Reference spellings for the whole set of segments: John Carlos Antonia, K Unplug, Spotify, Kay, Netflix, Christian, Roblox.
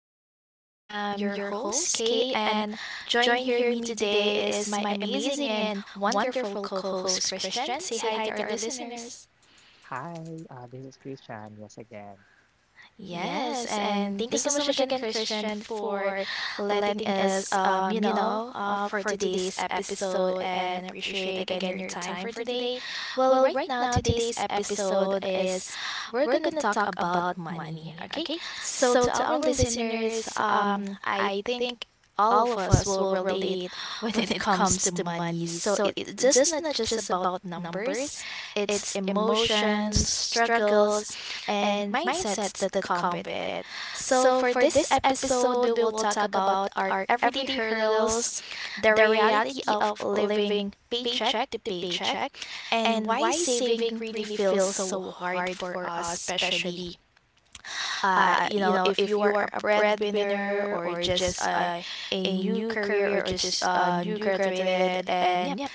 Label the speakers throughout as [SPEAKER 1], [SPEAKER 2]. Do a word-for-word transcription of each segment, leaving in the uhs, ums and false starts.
[SPEAKER 1] Unplug. I'm your host, Kay, and join here me today is my amazing and wonderful co host, Christian. Say hi to our listeners.
[SPEAKER 2] Hi, uh, this is Christian. Yes, again.
[SPEAKER 1] Yes, and thank you so much again, Christian, for letting us, um, you know, uh, for today's episode, and appreciate again your time for today. Well, right now, today's episode is we're gonna talk about money. Okay, so to our listeners, um, I think all of us will relate when it comes to money. So it's just not just about numbers; it's emotions, struggles and mindsets that come with it. So, for this episode, we will talk about our everyday hurdles, the reality of living paycheck to paycheck, and why saving really feels so hard for us, especially uh, you know, if you are a breadwinner or just a, a new career or just uh, new graduated. And yeah,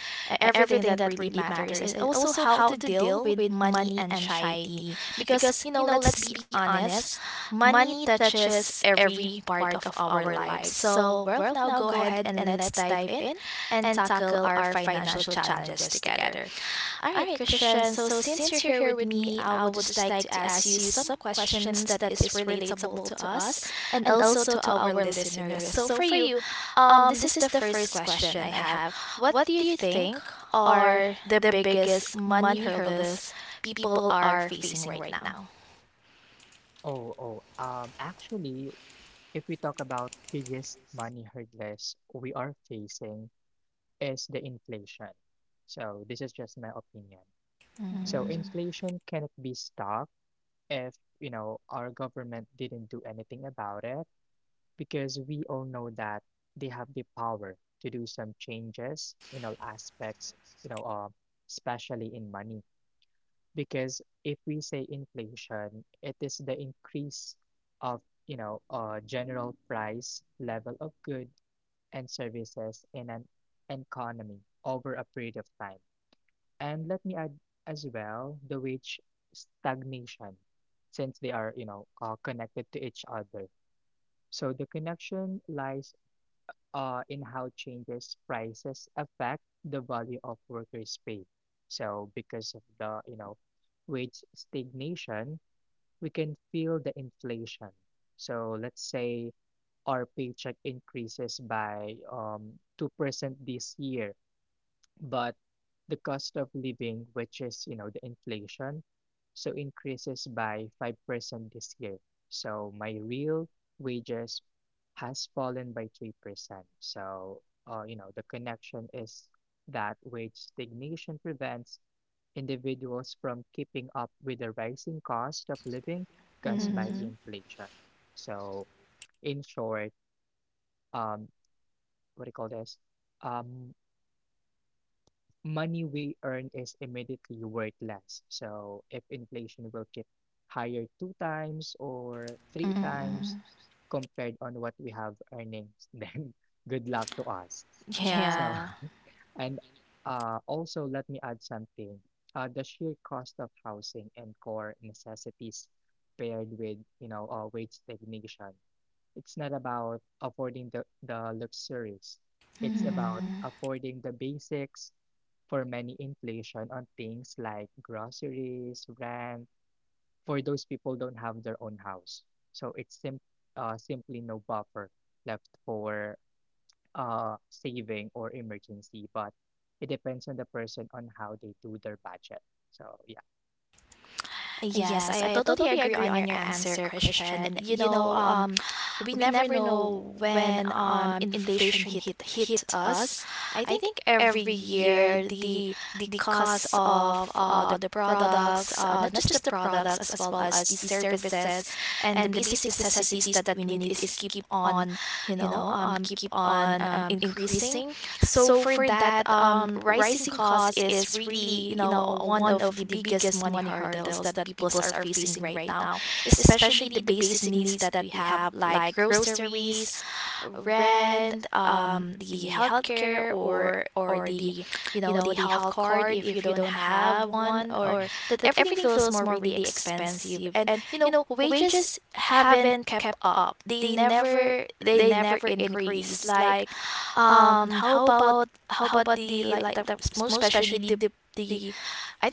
[SPEAKER 1] e- everything that really matters, and also how to deal with money anxiety, because you know, let's be honest, money touches every part of our lives. So well, now go ahead and let's dive in and tackle our financial challenges together. All right, Christian. So since you're here with me, I would just like to ask you some questions that is relatable to us and also to our listeners. So for you, um, this is the first question I have. What do you think are the biggest money hurdles people are facing right now?
[SPEAKER 2] Oh, oh. Um, actually, if we talk about biggest money hurdles we are facing is the inflation. So this is just my opinion. So
[SPEAKER 1] Mm-hmm.
[SPEAKER 2] inflation cannot be stopped if, you know, our government didn't do anything about it because we all know that they have the power to do some changes in all aspects, you know, uh, especially in money. Because if we say inflation, it is the increase of, you know, uh, general price level of goods and services in an economy over a period of time. And let me add as well the wage stagnation, since they are, you know, uh, connected to each other. So the connection lies uh, in how changes prices affect the value of workers' pay. So because of the, you know, wage stagnation, we can feel the inflation. So let's say our paycheck increases by um, two percent this year, but the cost of living, which is, you know, the inflation, so increases by five percent this year. So my real wages has fallen by three percent. So, uh, you know, the connection is that wage stagnation prevents individuals from keeping up with the rising cost of living caused by
[SPEAKER 1] Mm-hmm.
[SPEAKER 2] inflation. So, in short, um, what do you call this? Um, Money we earn is immediately worth less. So if inflation will keep higher two times or three times
[SPEAKER 1] Mm-hmm.
[SPEAKER 2] compared on what we have earnings, then good luck to us. So
[SPEAKER 1] Yeah.
[SPEAKER 2] and uh, also let me add something. Uh, the sheer cost of housing and core necessities paired with you know uh, wage stagnation. It's not about affording the, the luxuries. It's about
[SPEAKER 1] Mm-hmm.
[SPEAKER 2] affording the basics. For many, inflation on things like groceries, rent, for those people don't have their own house. So it's sim uh, simply no buffer left for uh, saving or emergency, but it depends on the person on how they do their budget. So yeah.
[SPEAKER 1] Yes, I totally agree on your answer, Christian. You know, um, we never know when um inflation hit hit us. I think every year the the cost of uh the products, uh not just the products as well as the services and the basic necessities that we need is keep on, you know, um keep on um increasing. So for that, um rising cost is really, you know, uh, one of the biggest money hurdles that peoples are facing right now, especially the basic needs that we have, like groceries, rent, um, the healthcare, or or the, you know, the health card if you don't have one,
[SPEAKER 2] Mhm.
[SPEAKER 1] or that everything feels more really expensive, and you know, wages haven't kept up. They never they never increase. Like, um, how about how about the like the most especially the the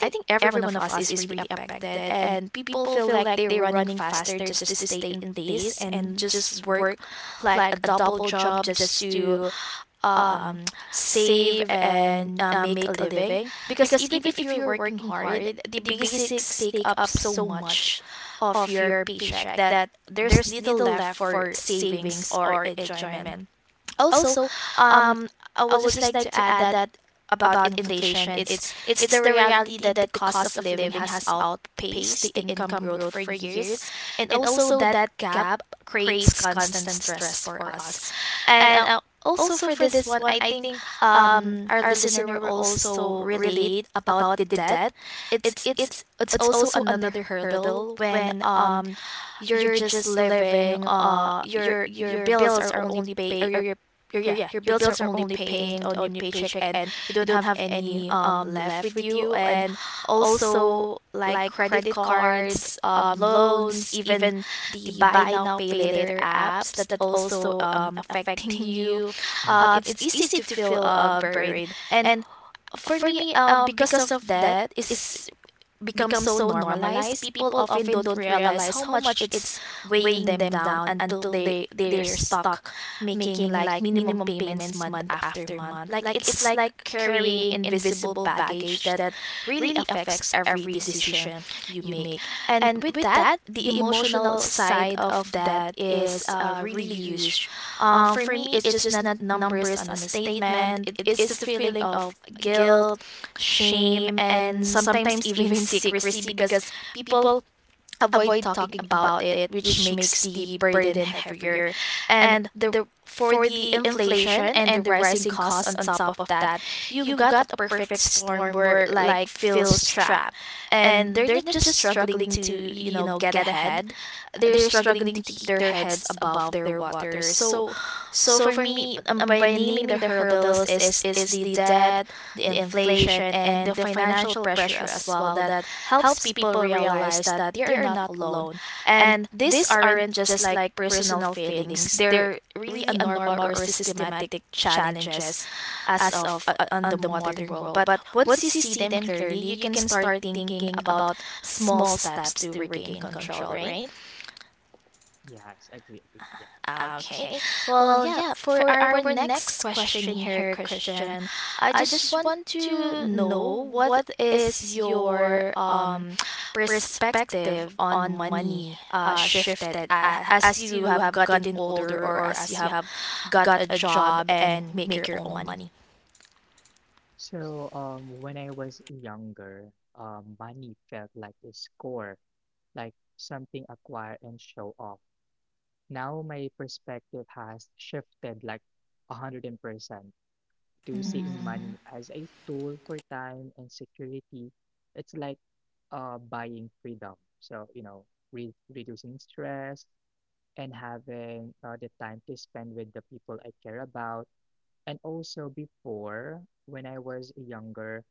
[SPEAKER 1] I think every one of us is really affected, and people feel like they're running faster just to stay in place and just work like a double job just to um, save and uh, make a living. Because even if you're working hard, the basics take up so much of your paycheck that there's little left for savings or enjoyment. Also, um, I would just like to add that about inflation, it's it's the reality that the cost of living has outpaced the income growth for years, and also that gap creates constant stress for us. And uh, also for this one, I think um, our listener will also relate about the debt. It's it's it's also another hurdle when um you're just living uh your your bills are only paid, or your your yeah your bills are only paying on your paycheck, and you don't have any um left with you. And also, like credit cards, um loans, even the buy now pay later apps that also um affecting you,
[SPEAKER 2] Yeah.
[SPEAKER 1] um it's easy to feel uh buried, and for me um because of that is become so normalized, people often don't realize how much it's weighing them down until they they're stuck making like minimum payments month after month. Like it's like carrying invisible baggage that really affects every decision you make. And with that, the emotional side of that is uh, really huge. Um, for me, it's just not numbers on a statement. It is the feeling of guilt, shame, and sometimes even secrecy, because people avoid talking about it, which makes the burden heavier. And the for the inflation and the rising costs on top of that, you've got a perfect storm where like feels trapped, and they're not just struggling to, you know, get ahead, they're struggling to keep their heads above their water. So so for me, b- um, by naming the hurdles is is the debt, the inflation, and the financial pressure as well, that helps people realize that they are not alone. And these aren't just like personal failings; they're really a normal or systematic challenges as of uh, on the modern world. But once you see them clearly, you can start thinking about small steps to regain control, right?
[SPEAKER 2] Yes, agree, agree. Yeah.
[SPEAKER 1] Okay. Well, yeah, for our next question here, Christian, I just want to know what is your um perspective on money uh shifted a as you have gotten older, or as you have got a job and make your own money.
[SPEAKER 2] So um when I was younger, um money felt like a score, like something acquired and show off. Now my perspective has shifted like one hundred percent to seeing
[SPEAKER 1] Mm-hmm.
[SPEAKER 2] money as a tool for time and security. It's like uh, buying freedom. So, you know, re reducing stress and having uh, the time to spend with the people I care about. And also before, when I was younger,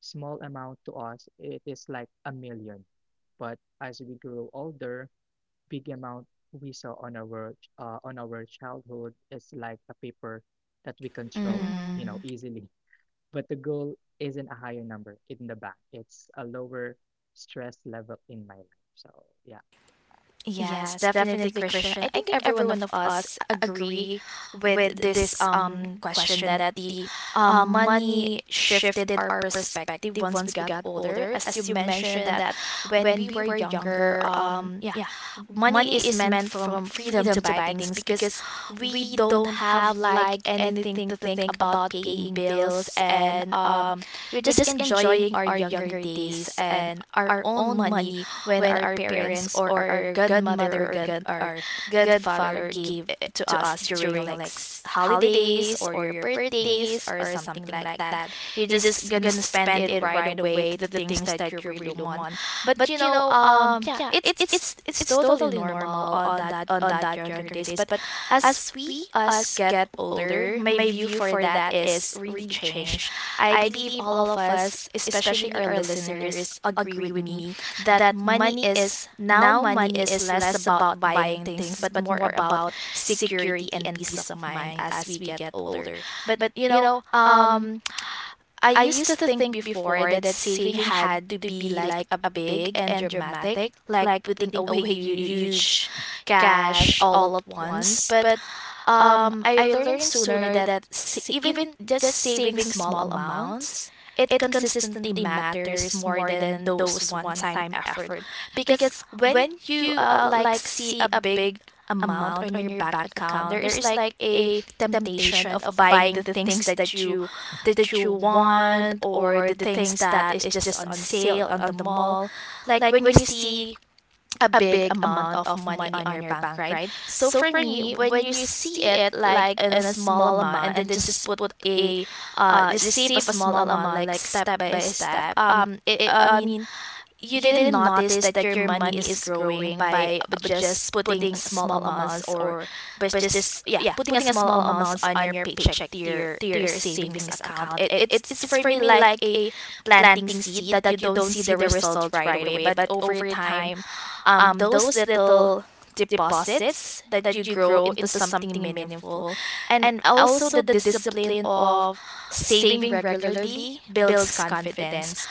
[SPEAKER 2] small amount to us, it is like a million. But as we grow older, big amount we saw on our ch- uh, on our childhood is like a paper that we control, you know, easily. But the goal isn't a higher number in the bank. It's a lower stress level in my life. So yeah,
[SPEAKER 1] Yes, definitely, Christian. I think every one of us agree with this um question, that the um, money shifted our perspective once we got older. As you mentioned that when we were younger, um yeah, money is meant from freedom to buy things, because we don't have like anything to think about paying bills. And um we're just enjoying our younger days and our own money when our parents or our godmother or
[SPEAKER 2] yeah.
[SPEAKER 1] god our godfather gave it to us during like s- holidays or your birthdays or something like that. You're just gonna spend it right away to the things that you really want. But you know, um, yeah, it's it's it's totally normal on that on that younger days, but as we us get older my view for that is really changed. I believe all of us, especially our listeners, agree with me that money is now money is less about buying things but more about security and peace of mind as we get older. But you know, um I used to think before that saving had to be like a big and dramatic, like putting away hu- huge cash all at once. But um, I learned sooner that s- even just saving small amounts, it consistently matters more than those one-time effort. Because when you uh, like see a big amount on your bank account, there is like a temptation of buying the things that you that you want, or the things that is just on sale on the mall. Like when you see a big amount of money on your bank, right? So for me, when you see it like in a small amount and then just put a uh just save a small amount like step by step, um it I mean you didn't notice that your money is growing by uh, just putting small amounts, or but just yeah putting a small amounts on your paycheck to your to your savings account, it, it's it's for me like a planting seed that you don't see the result right away, but over time um those little deposits that you grow into something meaningful. And also the discipline of saving regularly builds confidence.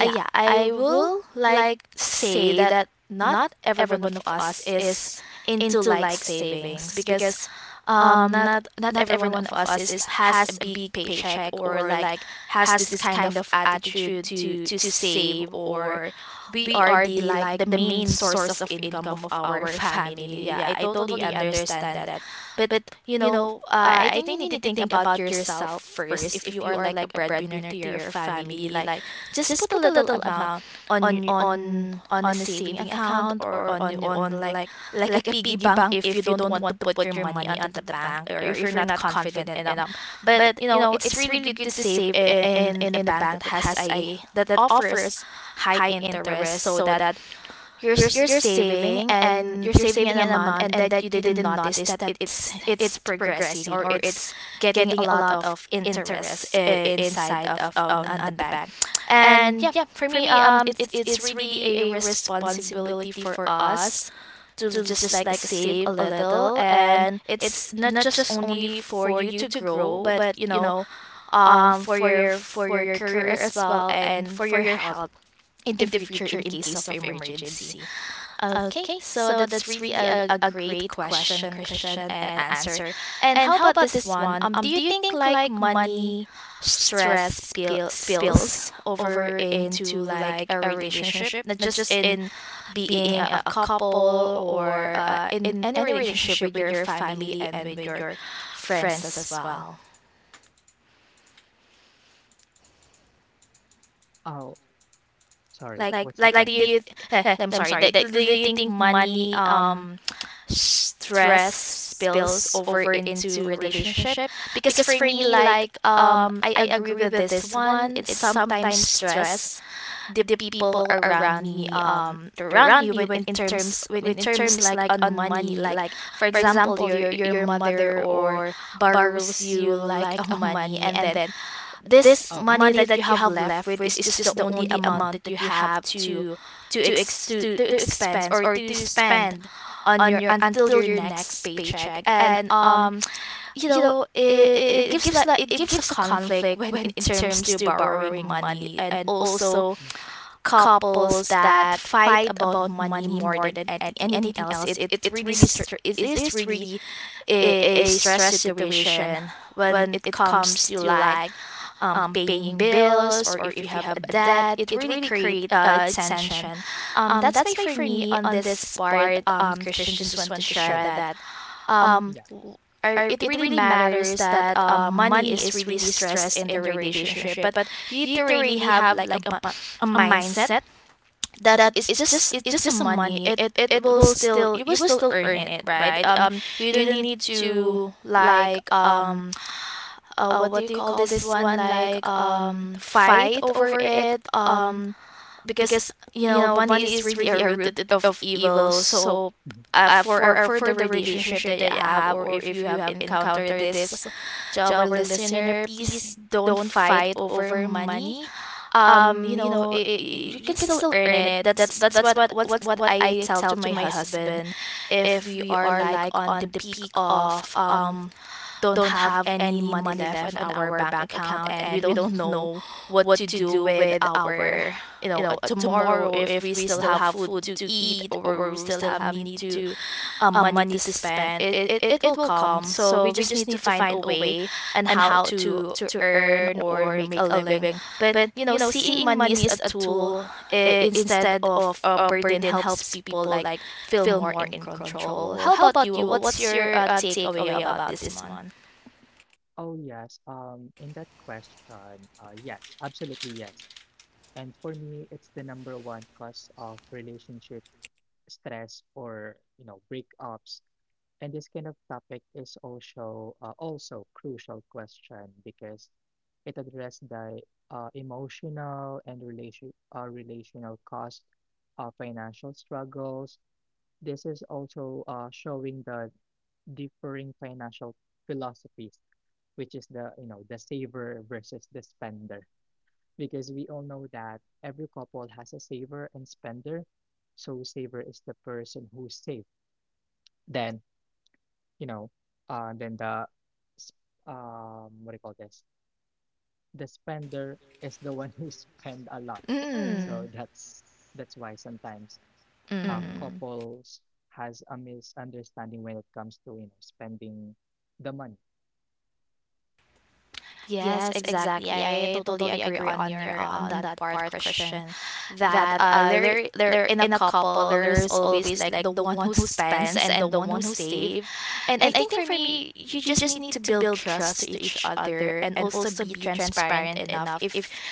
[SPEAKER 1] uh, yeah, I will like say that not every one of us is into like savings, because um not not every one of us is has a big paycheck, or like has this kind of attitude to to save, or we are the like the main source of income of our family. Yeah, I
[SPEAKER 2] yeah.
[SPEAKER 1] totally understand that. But you know, uh, I think you need to think about yourself first. If you are like a breadwinner to your family, like just put a little amount on y- on on a saving account, or on y- on like like a piggy bank if you don't want to put your money onto the bank, or if you're not confident enough. But you know, it's really good to save in in, in a bank that has a that offers high interest, so that you're s- you're saving and you're saving an amount, and that you didn't notice that it's it's progressing, or it's getting a lot of interest uh, inside of on, on the bank. And yeah, for me um it's it's really a responsibility for us to l- just like save a little, and it's not just only for you to grow, but you know, um for your for your career as well, and for your health in the future in case of emergency. Okay, so that's really a, a great question, Christian, and answer. And how about this one? Um, do you think like money stress spill, spills over into like a relationship, not just in being a, a couple, or uh, in any relationship with your family and with your friends as well?
[SPEAKER 2] Oh, sorry.
[SPEAKER 1] Like,
[SPEAKER 2] What's the
[SPEAKER 1] like, do you?
[SPEAKER 2] question?
[SPEAKER 1] Th- eh, I'm sorry. Like, do you think money um stress spills over into relationship? Because for me like, um I agree with this one, it's sometimes stress the people around me, um around me when in terms when in terms like on money. Like for example, your your mother or borrows you like a money, and then this
[SPEAKER 2] Oh,
[SPEAKER 1] money that you have left with is just the only amount that you have to to ex to, to expense or to spend on your until your next paycheck. And um you know, it, it gives like it gives a conflict when in terms to borrowing money, and also couples that fight about money more than any, anything else. It it really str- it is really a, a stress situation when it comes to like, um, paying bills. Or if you have a
[SPEAKER 2] mm,
[SPEAKER 1] debt, it really create uh, tension. um, that's my for me on this part, um, Christian. Just want to share
[SPEAKER 2] oh,
[SPEAKER 1] that
[SPEAKER 2] yeah.
[SPEAKER 1] I, it really matters that um, money is really stressed in the relationship. But you need to really have like a, bu- a mindset that it's just it's just a money. it it will still You will still earn it, right? Um you don't need to like, um uh what do you call this one, like, um fight over it, um because you know money is really a root it- of evil. So
[SPEAKER 2] Mhm.
[SPEAKER 1] uh, for uh, for the relationship that you have, or if you have encountered this, to our listener, please don't fight over money. Um you know it, it, you can still earn it. That's that's what what's what I tell to my husband. If we are like on the peak of, um don't have any money left on our bank account, and we don't know what to do with our, you know uh, tomorrow, if we still have food to eat, or we still have need to, uh, money to spend. It, it it will come, so we just need to find a way and how to to earn or make a living. But you know, seeing money is a tool, eh, instead of a burden, helps people like feel more in control. Well, how about you? What's your uh, takeaway about this month?
[SPEAKER 2] Oh yes. Um, in that question, uh, yes, absolutely yes. And for me, it's the number one cause of relationship stress, or you know breakups. And this kind of topic is also uh, also crucial question because it addresses the uh, emotional and relation uh, relational cost of financial struggles. This is also uh, showing the differing financial philosophies, which is the you know the saver versus the spender because we all know that every couple has a saver and spender. So saver is the person who saves, then you know, uh, and then the, s- um, what do you call this? The spender is the one who spend a lot.
[SPEAKER 1] Mm.
[SPEAKER 2] So that's that's why sometimes uh,
[SPEAKER 1] Mhm.
[SPEAKER 2] couples has a misunderstanding when it comes to you know spending the money.
[SPEAKER 1] Yes, exactly. I totally agree on your uh, on that part, Christian. That uh, there there in a couple, there's always like the one who spends and the one who
[SPEAKER 2] Yeah.
[SPEAKER 1] save. And I think for me, you just need to build trust to each other and also be transparent enough. If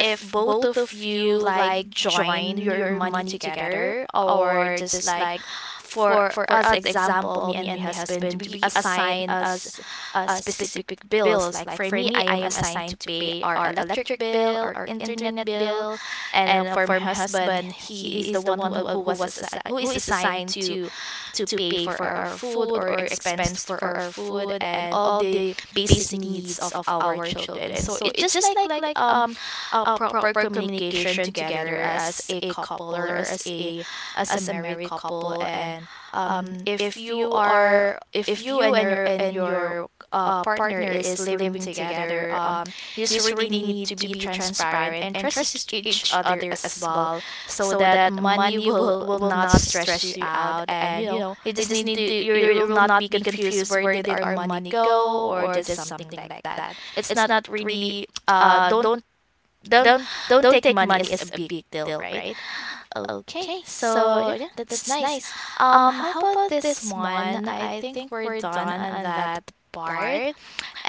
[SPEAKER 1] If both of you like join your money together, or just like, for for us example, me and my husband, we assign us uh, specific bills. Like for me, I am assigned to pay our electric bill, our internet bill, and uh, for my husband, he is the one who, uh, who was assi- who is assigned to to pay for our food or expense for our food and all the basic needs of our children. So it's just like like, um a proper communication together as a couple, or as a as a married couple. And um if you are if you and your and your uh, partner is living together, um you just really need to be transparent and trust each each other as well, so that money will will not stress you out. And you know, you just need to, you you will not be confused where did our money go, or just something like that. It's not really. uh don't don't don't take money as a big deal, right? Okay, so yeah, that's nice. Um how about this one, I think we're done on that part.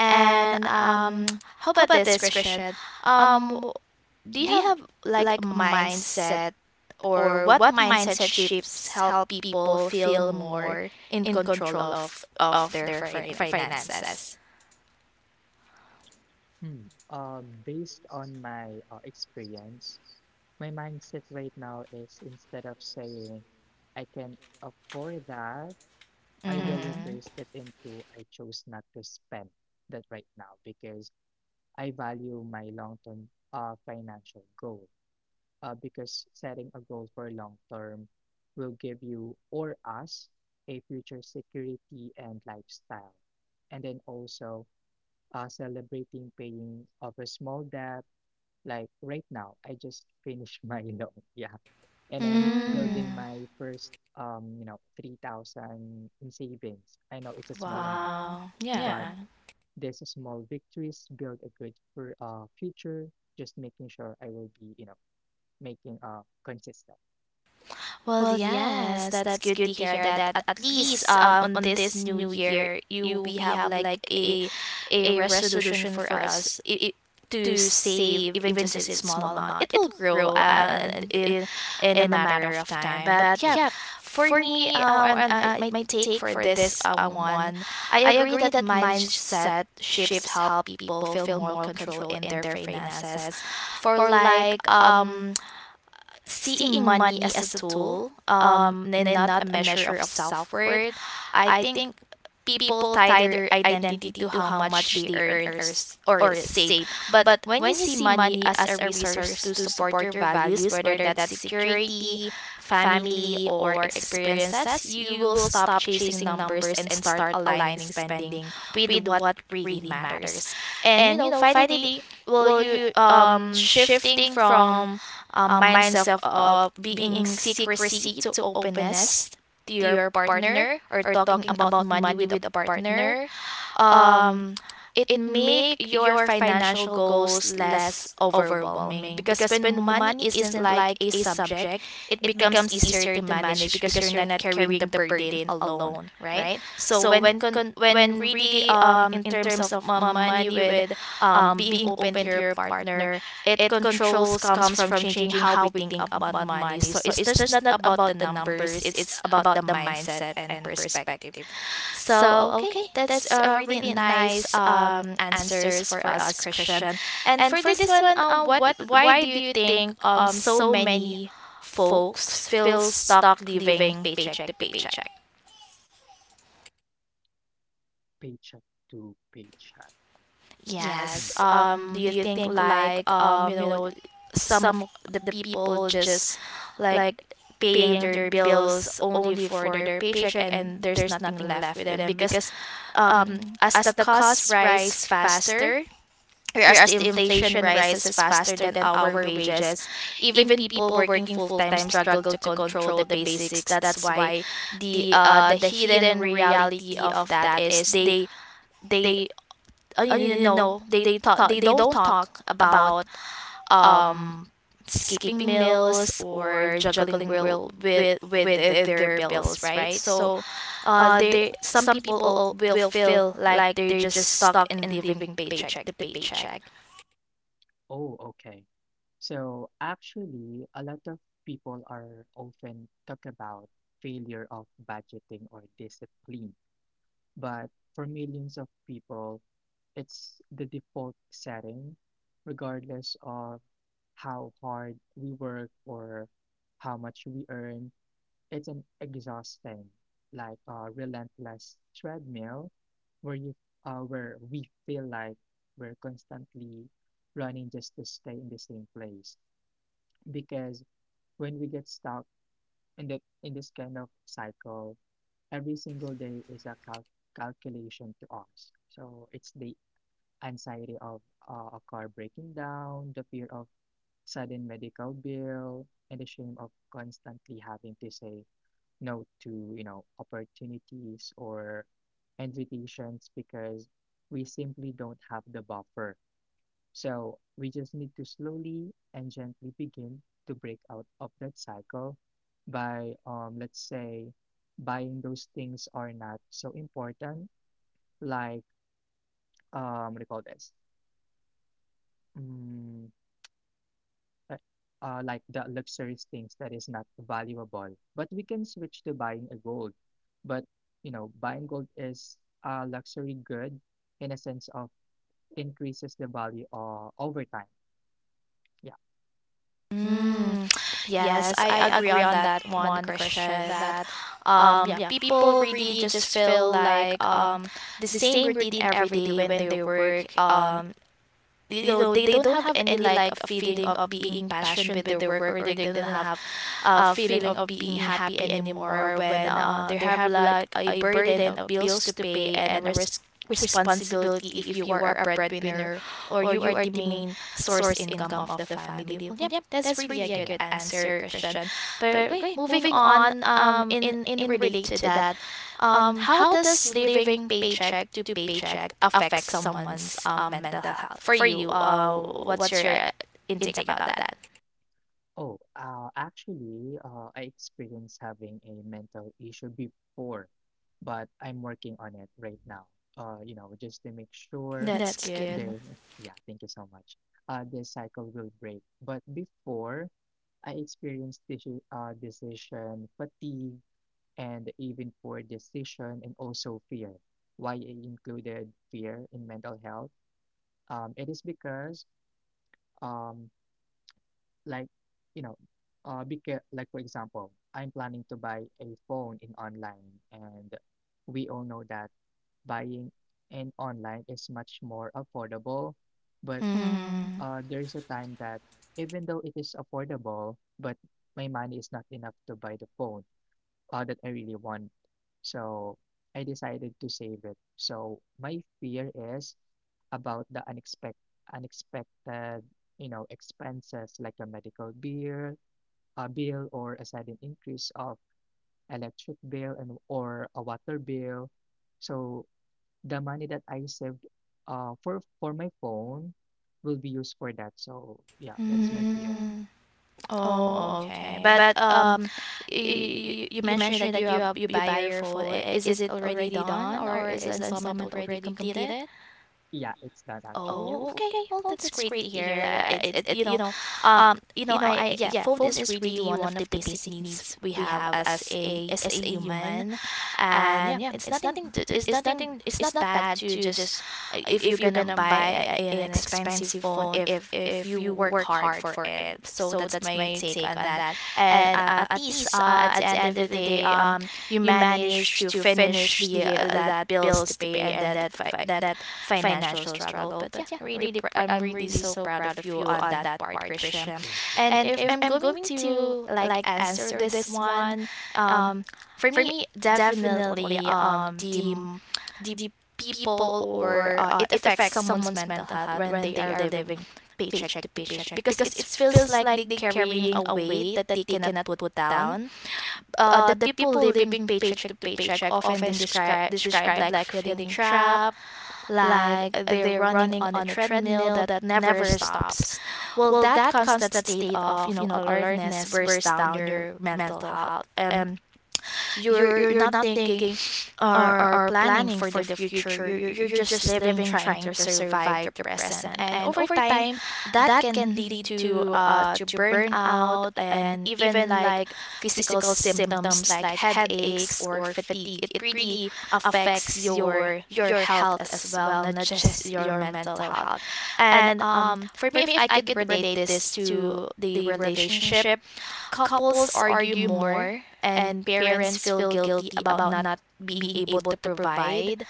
[SPEAKER 1] And um how about this, Christian? um w- do you have like a mindset, or what mindset shifts help people feel more in control of of their fin- finances?
[SPEAKER 2] Hmm. Uh, based on my uh, experience, my mindset right now is instead of saying I can afford that, I will
[SPEAKER 1] Mm-hmm.
[SPEAKER 2] replace it into I chose not to spend that right now because I value my long term uh, financial goal uh, because setting a goal for long term will give you or us a future security and lifestyle. And then also uh, celebrating paying off a small debt. Like right now, I just finished my loan. Yeah. And I'm building
[SPEAKER 1] Mm.
[SPEAKER 2] my first, um, you know, three thousand in savings. I know it's a small amount,
[SPEAKER 1] Wow.
[SPEAKER 2] but
[SPEAKER 1] Yeah.
[SPEAKER 2] these small victories build a good for uh future. Just making sure I will be, you know, making uh consistent.
[SPEAKER 1] Well, yes, that's good to hear that at least, um on this new year, you we have like a a resolution for us, it, to save even just a small amount. It will grow, uh, and in in a matter of time. But yeah,
[SPEAKER 2] Yeah,
[SPEAKER 1] for me, uh, and uh, my take for this um one, I agree that mindset shifts help people feel more control in their finances. For like, um seeing money as a tool, um and not a measure of self-worth. I think people tie their identity to how much they earn, or, s- or save. But when you see money as a resource to support your values, whether that's security, family, or experiences, you will stop chasing numbers and start aligning spending with what really matters. And you know, finally, will you um shifting from um, mindset of being secrecy to openness to your partner, or talking about money with a partner, um it make your financial goals less overwhelming. Because when money isn't like a subject, it becomes easier to manage because you're not carrying the burden alone, right? So when
[SPEAKER 2] yeah,
[SPEAKER 1] con- when really, um in terms of uh, money with, um being open to your partner, it controls comes from changing how we think about money. So it's just not about the numbers, it's about the mindset and perspective. So, okay, that's uh, really nice, um, answers for us, Christian. And for this one, uh, what why do you think, um so many folks feel stuck living paycheck to paycheck?
[SPEAKER 2] paycheck to paycheck. Mm.
[SPEAKER 1] Yes. Um, do you think like, um you know some of the people just like paying their bills only for their paycheck, and there's nothing left with them, because um as the costs rise faster whereas the inflation rises faster than our wages, even people working full time struggle to control the basics. That's why the uh the hidden reality of that is they they, uh, you know no, they talk they don't talk about, um skipping meals or juggling will with with uh, their bills, right? So uh they some people, al- will feel like they're just stuck in living paycheck to paycheck.
[SPEAKER 2] Oh, okay. So actually, a lot of people are often talk about failure of budgeting or discipline, but for millions of people, it's the default setting, regardless of how hard we work or how much we earn. It's an exhausting, like a relentless treadmill where you uh, where we feel like we're constantly running just to stay in the same place. Because when we get stuck in the in this kind of cycle, every single day is a cal- calculation to us. So it's the anxiety of uh, a car breaking down, the fear of sudden medical bill, and the shame of constantly having to say no to you know opportunities or invitations because we simply don't have the buffer so we just need to slowly and gently begin to break out of that cycle by um let's say buying those things are not so important like um what do you call this? Mm, uh, uh, like the luxurious things that is not valuable. But we can switch to buying a gold. But you know, buying gold is a luxury good in a sense of increases the value uh, over time. Yeah,
[SPEAKER 1] Mm, yes, I agree on that one, Christian, that um yeah, people really just feel like, um the same routine every day when they work. Um, you know, they don't have any like a feeling of being passionate with their work, or they don't have uh, feeling of being happy anymore when uh, they have like a burden of bills to pay, and a risk responsibility if you are a breadwinner, or you are the main source income of the family. Well, yep, that's really a good
[SPEAKER 2] yeah.
[SPEAKER 1] answer, Christian. But okay, moving on, um in in relate to that, um how does living paycheck to paycheck affect someone's um mental health? For you, uh what's your uh, intake about that?
[SPEAKER 2] Oh, uh, actually, uh, I experienced having a mental issue before, but I'm working on it right now. Uh, you know, just to make sure
[SPEAKER 1] That's good.
[SPEAKER 2] there. Yeah, thank you so much. Uh, this cycle will break. But before, I experienced deci- uh, decision fatigue and even poor decision and also fear. Why I included fear in mental health? Um, it is because, um, like, you know, uh, beca- like for example, I'm planning to buy a phone in online, and we all know that buying in online is much more affordable. But
[SPEAKER 1] Mm-hmm.
[SPEAKER 2] uh, there is a time that even though it is affordable, but my money is not enough to buy the phone uh, that I really want. So I decided to save it. So my fear is about the unexpected, unexpected, you know, expenses like a medical bill, a bill, or a sudden increase of electric bill and or a water bill. So the money that I saved uh, for for my phone will be used for that. So yeah, that's my fear.
[SPEAKER 1] Mm. Oh, okay. But um, you you mentioned that you uh, you buy your phone. I- Is it already done, or is the installment already completed?
[SPEAKER 2] Yeah, it's done actually. Yeah,
[SPEAKER 1] Oh, okay. Well, that's great to hear. That it it you know, um, you know, I Yeah, phone is really one of the basic needs we have as a as a human. And yeah, it's nothing t- it's nothing, it's not bad to just, uh, if you're gonna buy a, an expensive phone, if if you work hard for it. So that's my take on that. And uh, at least uh, at the end of the day, um you manage to finish the, uh, that bills to pay, and that fi- that financial struggle. But yeah, really pr- I'm really so proud of you on that part, Christian.
[SPEAKER 2] thank you.
[SPEAKER 1] And if I'm going to like answer this one, um for me, definitely um the m- the people, or uh, it affects someone's mental health when they are living paycheck to paycheck, because it feels like they're carrying a weight that they cannot put down. uh, the people living paycheck to paycheck often describe describe like feeling trapped, like they're running on a treadmill that never stops. Well, that constant state of, you know, alertness wears down your mental health. And you're you're not thinking, or or planning for the future. You're you're just living, trying to survive the present. And over time, that can lead to uh to burnout, and even like physical symptoms like headaches or fatigue. It really affects your your health as well, not just your mental health. And um for me, if I could relate this to the relationship: couples argue more, and parents feel guilty about not being able to provide,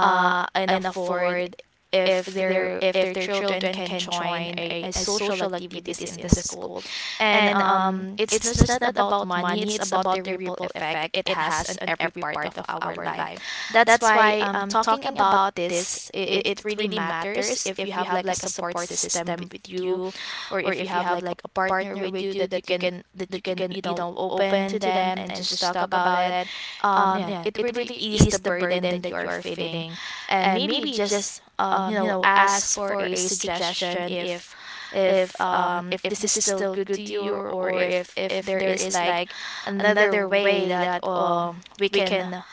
[SPEAKER 1] uh, and afford if their if their children can join a, a social activities in the school. And um it's just not about money, it's about the ripple effect it has on every part of our life. That's why, um talking about this, it, it really matters if you have like a support system with you, or if you have like a partner with you that you can that you can, you know, open to them and just talk about it. um yeah, it really ease the burden that you are feeling. And maybe just, um you know, ask for a suggestion if if um if this is still good to you, or, or if if there is like another way that um we can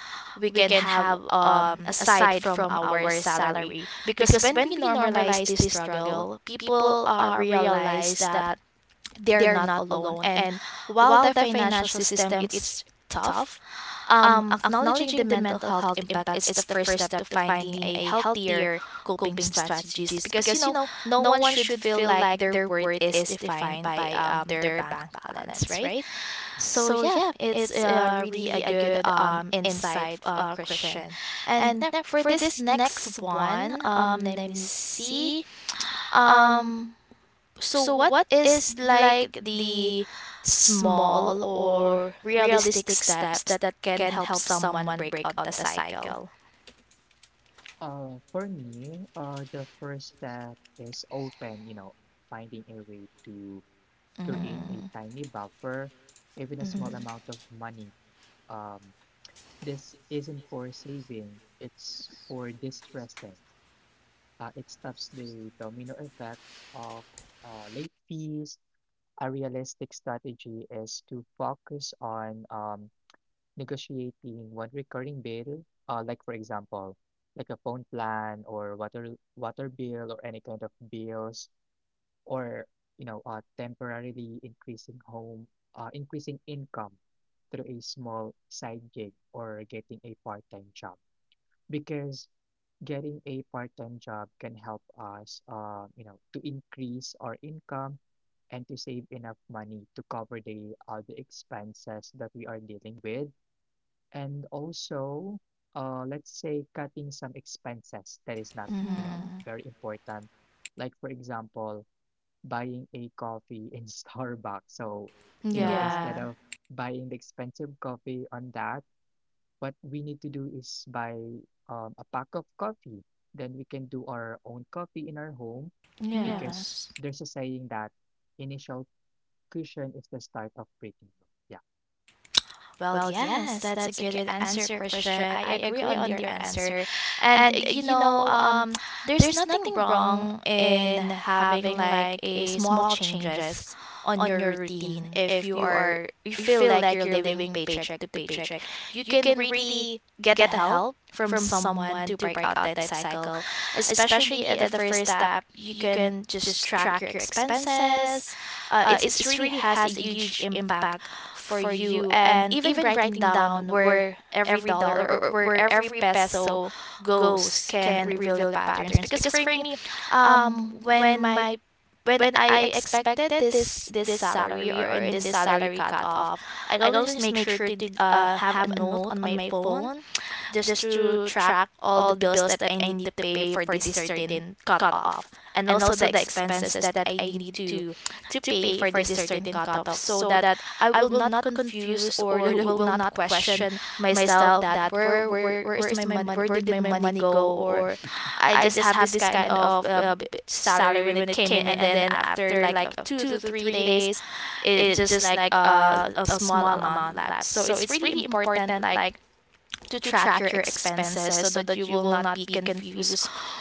[SPEAKER 1] we can have um aside from our salary, because when we normalize this struggle, people uh, realize that they're not alone. And while the financial system it's tough, um, acknowledging the mental health impact is the first step to finding a healthier coping strategies, because you know, no one should feel like their worth is defined by um, their bank balance, right?
[SPEAKER 2] Yeah.
[SPEAKER 1] So yeah, it's uh, really a good um, insight, uh, Christian. And ne- for this next one, um, let me see. Um, so, what is like the small or realistic steps that can help someone break out the cycle?
[SPEAKER 2] Uh, for me, uh, the first step is often, you know, finding a way to create a
[SPEAKER 1] Mm-hmm.
[SPEAKER 2] tiny buffer, even a small
[SPEAKER 1] Mm-hmm.
[SPEAKER 2] amount of money. Um, this isn't for saving, it's for distressing. Uh, it stops the domino effect of uh, late fees. A realistic strategy is to focus on um, negotiating one recurring bill, uh, like for example, like a phone plan or water water bill or any kind of bills, or you know, uh, temporarily increasing home, uh, increasing income through a small side gig or getting a part-time job. Because getting a part-time job can help us, uh, you know, to increase our income and to save enough money to cover the other expenses that we are dealing with and also, uh, let's say cutting some expenses that is not, you know,
[SPEAKER 1] Mm-hmm.
[SPEAKER 2] very important. Like for example, buying a coffee in Starbucks. So, you know,
[SPEAKER 1] Yeah.
[SPEAKER 2] instead of buying the expensive coffee on that, what we need to do is buy um, a pack of coffee. Then we can do our own coffee in our home because
[SPEAKER 1] Yes.
[SPEAKER 2] there's a saying that initial cushion is the start of breaking law. Yeah.
[SPEAKER 1] Well, yes, that's a good answer, Christian. I agree on your answer. And uh, you know, um, there's nothing wrong in having like a small changes on your routine. If you are you feel like you're living paycheck to paycheck, you can really get the help from someone to break out that cycle, especially at the first step. You can just track your expenses. Uh, it's, it's really has a huge impact for you, and even writing down where every dollar or where every peso goes can reveal the patterns. Because for me, um when my when I expected this this salary or in this salary cutoff, I always make sure to uh, have a note on my phone just to track all the bills that I need to pay for this certain cutoff, and also the expenses that I need to to pay for this certain cutoff, so that I will not confuse or will not
[SPEAKER 2] Mhm.
[SPEAKER 1] question myself that where where where is my money, where did my money go. Or I just have this kind of uh, b- salary when it came in, and then after like uh, two to three days it just like uh, a small amount left. So it's really important like to track your expenses so that you will not be confused,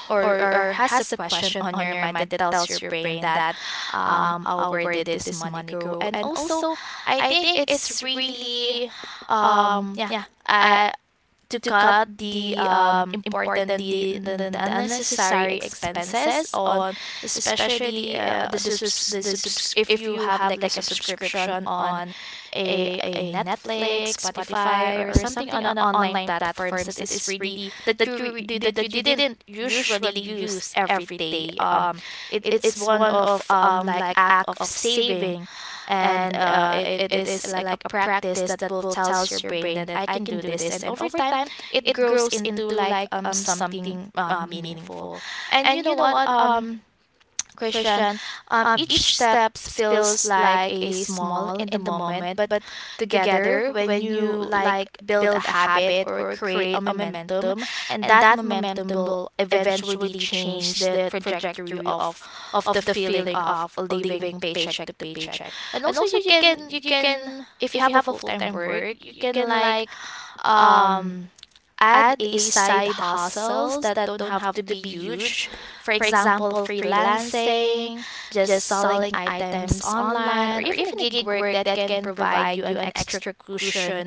[SPEAKER 1] or, or has a question on your mind that tells your brain that um oh, where did this money go. And also, I think it's really um yeah I, to cut the um, important the, the, the unnecessary expenses on, especially uh, the subs, the subs, if you have like a subscription on a, a Netflix, Spotify, or something on an online platforms that is really that you re- that you didn't usually use every day. um it, it's one of um like act of saving, and uh, it, it is like a practice that will tells your brain that I can do this. And over time it grows into like um something um meaningful. And you know what, um Christian, um
[SPEAKER 2] Mhm.
[SPEAKER 1] each step feels like a small in the moment, but together when you like build a habit or create a momentum, and that momentum will eventually change the trajectory of of the feeling of living paycheck to paycheck. And also you can you can if you have a full-time work, you can like um add a side hustles that don't have to be huge. For example, freelancing, just selling items online, or even a gig work that can provide you an extra cushion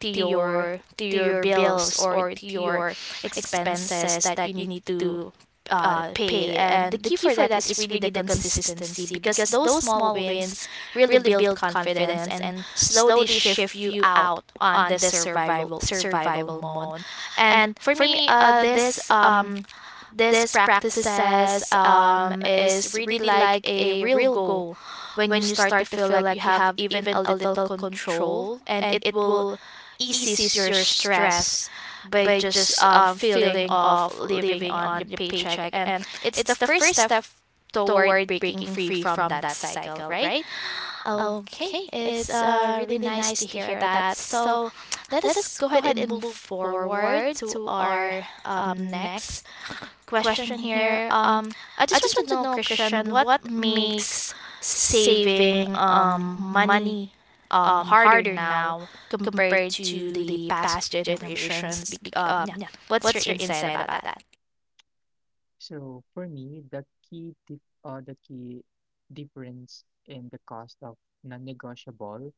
[SPEAKER 1] to your to your bills or to your expenses that you need to uh, pay. And the key for that is really the consistency, because those small wins really build confidence and slowly shift you out on the survival survival mode. And for me, uh this um this practices um is really like a real goal. When you start to feel like you have even a little control, and it will eases your stress by just um, feeling of living on your paycheck, and it's the first step toward breaking free from that cycle, right?
[SPEAKER 2] Mhm.
[SPEAKER 1] Okay, it's uh really nice to hear that. So let us go ahead and move forward to our um, next question here. Um, I just want to know, Christian, what makes saving um money um harder now compared to the past generations? Bec- um, yeah, what's your insight about that?
[SPEAKER 2] So for me, the key dif uh, the key difference in the cost of non-negotiable,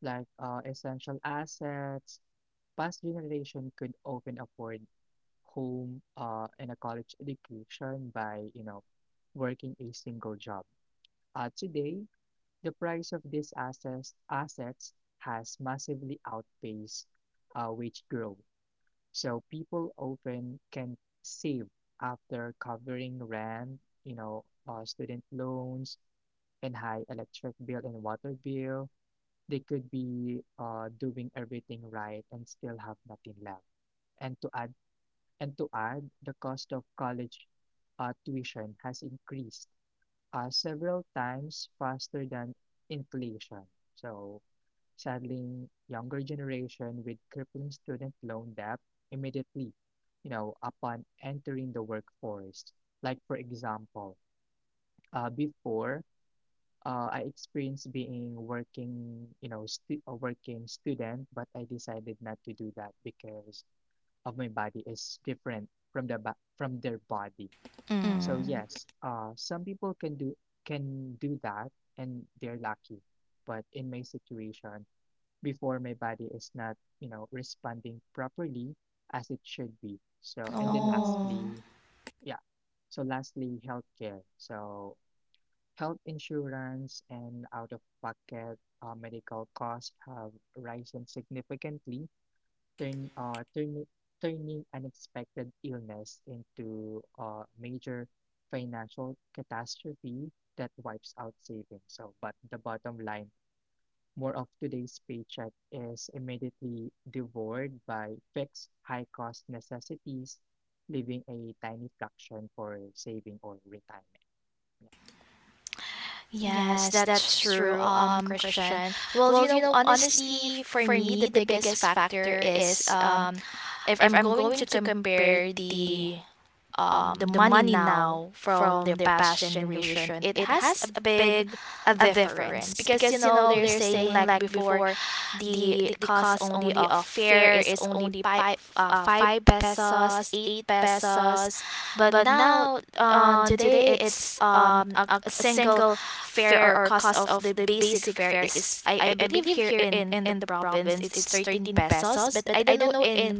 [SPEAKER 2] like uh, essential assets, past generation could often afford home uh, and a college education by, you know, working a single job. Uh, today, the price of these assets assets has massively outpaced uh, wage growth, so people often can save after covering rent, you know, uh, student loans and high electric bill and water bill. They could be uh, doing everything right and still have nothing left. And to add, and to add, the cost of college uh, tuition has increased uh, several times faster than inflation. So sadly, younger generation with crippling student loan debt immediately, you know, upon entering the workforce. Like for example, uh, before uh, I experienced being working, you know, stu a working student, but I decided not to do that because of my body is different from the ba from their body. So
[SPEAKER 1] Mm.
[SPEAKER 2] yes, uh, some people can do can do that and they're lucky. But in my situation, before my body is not, you know, responding properly as it should be. So, and then
[SPEAKER 1] Oh,
[SPEAKER 2] lastly, yeah. So lastly, healthcare. So health insurance and out-of-pocket uh, medical costs have risen significantly, turn, uh, turn, turning unexpected illness into a major financial catastrophe that wipes out savings. So, but the bottom line, more of today's paycheck is immediately devoured by fixed high-cost necessities, leaving a tiny fraction for saving or retirement. Yeah.
[SPEAKER 1] yes, that's true, um, Christian. Well, you know, honestly, for me, the biggest factor is um if I'm going to compare the um, the money now from their past generation, it has a big a difference. Because you know, they're
[SPEAKER 2] Mhm.
[SPEAKER 1] saying
[SPEAKER 2] Yeah,
[SPEAKER 1] like before, the the cost only of fare is only five uh, five pesos, eight pesos, but now on today it's um a, a single fare or cost of the basic fare is I, I believe here in in the province it's thirteen pesos. But I don't know in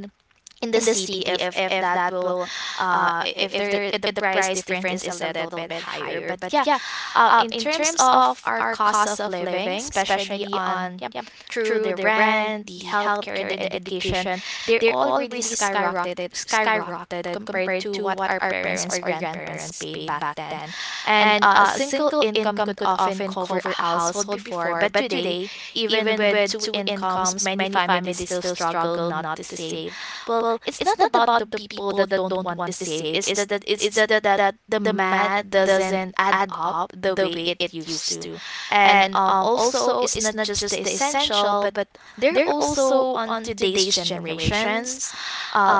[SPEAKER 1] in the city if if that will uh i- if there, if the price difference is a little bit higher. But yeah, um in terms of our cost of living, especially on yeah, through the rent, the healthcare, the education, they're all really skyrocketed skyrocketed compared to what our parents or grandparents paid back then. And uh, a single income could often cover a household before, but today, even with two incomes, many families still struggle not to save. Well, it's not about the people that don't want to save. It's that it's that that the math doesn't add up the way it used to. And um, also it's not just the essential, but they're also on today's generations, uh,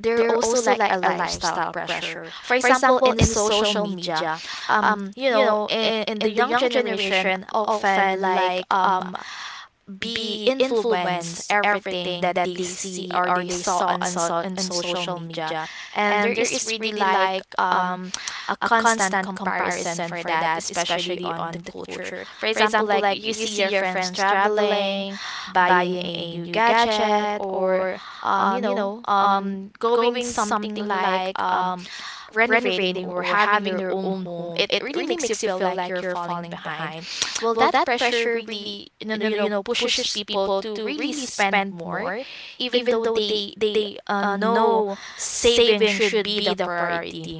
[SPEAKER 1] they're also like a lifestyle pressure, for example in social media. um you know, in, in the young generation often like um be influenced everything that they see or they saw on so- on social media. And there is really like um a constant comparison for that, especially on the culture. For example, like you see your friends traveling, buying a new gadget, or um you know, um going something like um renovating or having their own home. It really makes you feel like you're falling behind. Well,
[SPEAKER 2] yeah,
[SPEAKER 1] that pressure really, you know, you know pushes people to really spend more, even though they they uh, know saving should be the priority.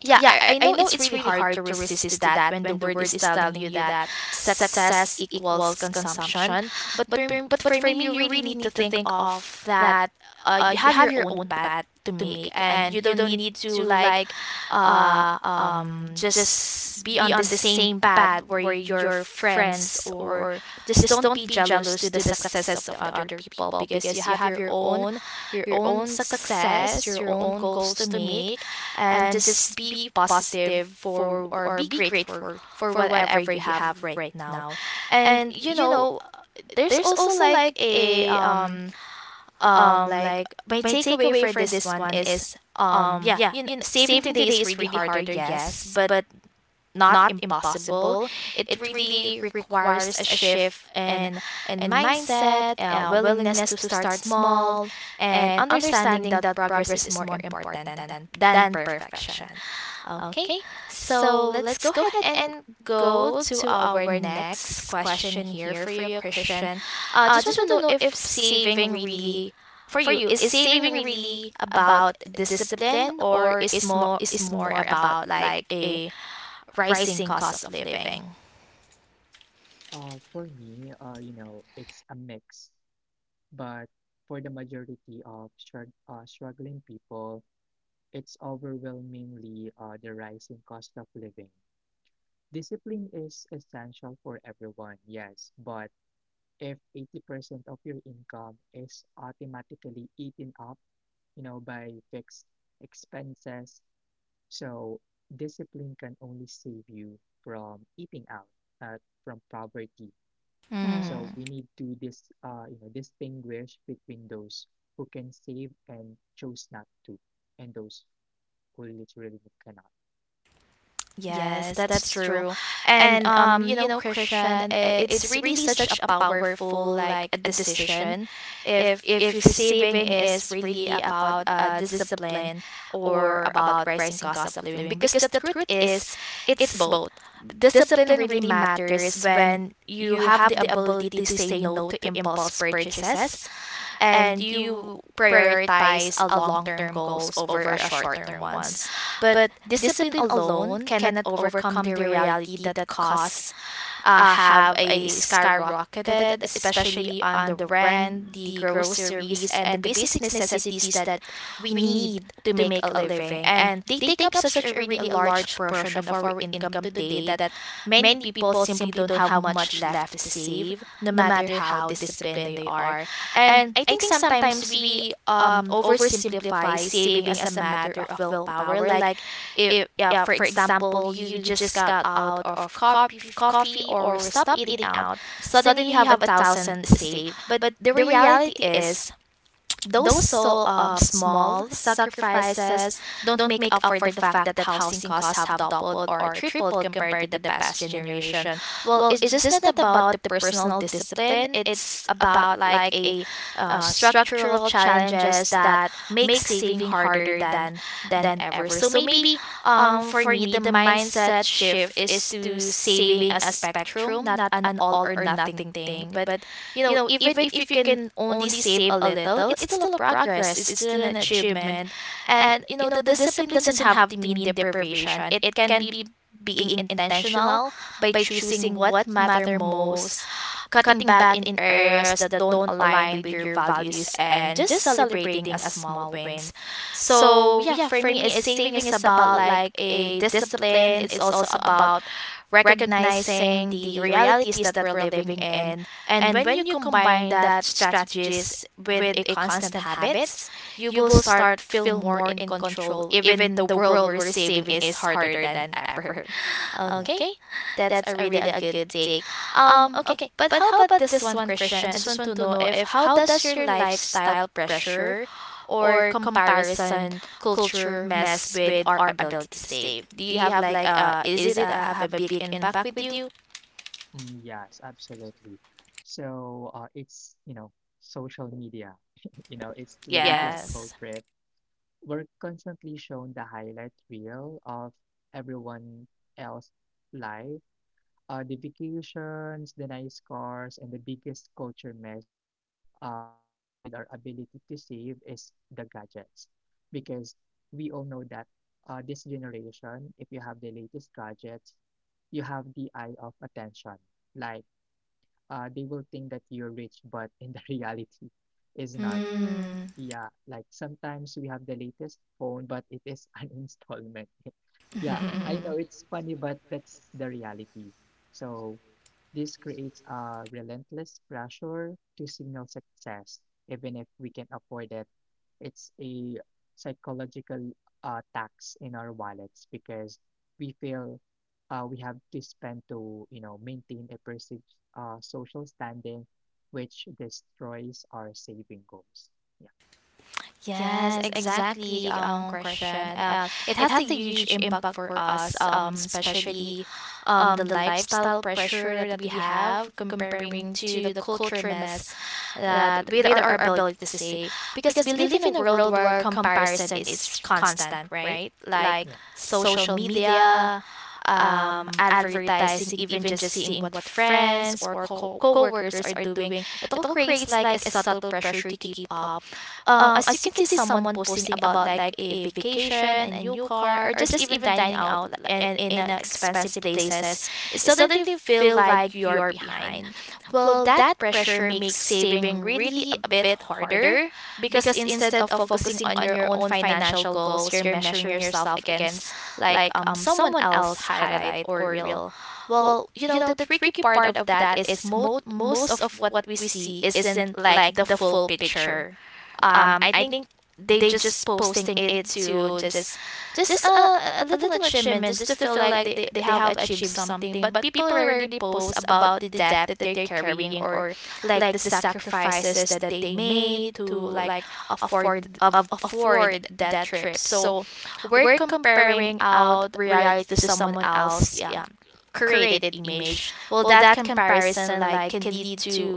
[SPEAKER 1] Yeah, I, I know it's really hard to resist to that when the word is telling you that success equals consumption. But for,
[SPEAKER 2] yeah.
[SPEAKER 1] but for me, you really need to think of that. uh, you have your own path to make, and you don't need to like uh um just be on the same path where your friends or just don't be jealous to the success of the other people. Because you have your own your own success, your own goals to make. And just be positive for or be grateful for whatever you have right now. And you know, there's also like a um um like my takeaway for this one is um yeah, you know, saving today is really harder, yes, but not impossible. It really requires a shift in in mindset, uh, willingness to start small, and understanding that progress is more important than than perfection. Okay, so let's go ahead and go to our next question here for you, Christian. Uh, just
[SPEAKER 2] Mm-hmm.
[SPEAKER 1] want to know if saving really, for you, is saving really about discipline, or is more is more about like a rising cost of living?
[SPEAKER 2] Uh, for me, uh, you know, it's a mix, but for the majority of strug uh, struggling people, it's overwhelmingly uh, the rising cost of living. Discipline is essential for everyone, yes, but if eighty percent of your income is automatically eaten up, you know, by fixed expenses, so discipline can only save you from eating out, uh, from poverty.
[SPEAKER 1] Mm-hmm.
[SPEAKER 2] So we need to dis, uh, you know, distinguish between those who can save and chose not to, and those who literally cannot.
[SPEAKER 1] Yes, that's true. And um, you know, Christian, i- it's really such a powerful like a decision. If if your saving is really about uh discipline or about rising cost of living, because the truth is, it's both. Discipline really matters when you have the ability to say no to impulse purchases, and you prioritize a long-term goals over a short-term ones. But discipline alone cannot overcome the reality that costs uh, have a skyrocketed, especially on the rent, the groceries, and the basic necessities that we need to make a living. And they take up such a really a large portion of our income today that many people simply don't have much left to save, no matter how disciplined they are. And I think sometimes we um oversimplify saving as a matter of willpower, like if yeah, for example, you just got out of coffee coffee or stop eating out, suddenly you have a thousand saved. But the reality is, those so um, small sacrifices don't make up for the fact that housing costs have doubled or tripled compared to the past generation. Well, it's just not about the personal discipline, it's about like a uh, structural challenges that make saving harder than than ever. So maybe um for me, the mindset shift is to saving a spectrum, not an all or nothing thing. But you know, even if you can only save a little, it's still a progress, it's still an
[SPEAKER 2] Yeah,
[SPEAKER 1] achievement. And, you know, the discipline doesn't have to mean deprivation. It can be being intentional by choosing what matter most, cutting back in areas that don't align with your values, and just celebrating a small wins. So, yeah, for me, it's saving is about like a discipline. It's also about recognizing the realities that we're living in. And when you combine that strategies with a constant habits, you will start feel more in control even the world we're saving is harder than ever.
[SPEAKER 2] yeah.
[SPEAKER 1] Okay, that's a really a good take. Um, okay, but how about this one, Christian? I just want to know if how does your lifestyle pressure or comparison culture mess with our ability to save? Do you have like uh is it uh, have a big impact with you?
[SPEAKER 2] Mm, yes, absolutely. So uh, it's, you know, social media, you know, it's the biggest
[SPEAKER 1] Yes.
[SPEAKER 2] culprit. We're constantly shown the highlight reel of everyone else's life, uh, the vacations, the nice cars, and the biggest culture mess uh, with our ability to save is the gadgets. Because we all know that, uh, this generation, if you have the latest gadgets, you have the eye of attention. Like, uh, they will think that you're rich, but in the reality is not.
[SPEAKER 1] Mm.
[SPEAKER 2] Yeah, like sometimes we have the latest phone, but it is an installment. Yeah, I know it's funny, but that's the reality. So this creates a relentless pressure to signal success, even if we can afford it. It's a psychological uh, tax in our wallets because we feel uh, we have to spend to, you know, maintain a perceived uh, social standing, which destroys our saving goals. Yeah.
[SPEAKER 1] Yes, exactly. Um, question. Uh, it has a huge impact for us, um, especially um, the lifestyle pressure that we have comparing to the culture mess that with our ability to save. Because we live in a world where comparison is constant, right? Like
[SPEAKER 2] Yeah.
[SPEAKER 1] social media, um, advertising, even just seeing what friends or co- workers are doing, it all creates like a subtle pressure to keep up. Um, as you can see, someone posting about like a vacation, a new car, or just even dining out li- and in uh, expensive places, it suddenly feel like you're behind. Well, that pressure makes saving really a bit harder because instead of focusing on your own financial goals, you're measuring yourself against like um someone else highlight or reel. Well, you know, the tricky part of that is most most of what we see isn't like the full picture um I think they just posting it to just just a, a a little achievement just to feel like they, they have achieved something, but people rarely post about the debt that they're carrying or like the sacrifices that they made to like afford of afford that trip. So we're comparing out reality to someone else, yeah, created image. Well, that comparison like can lead to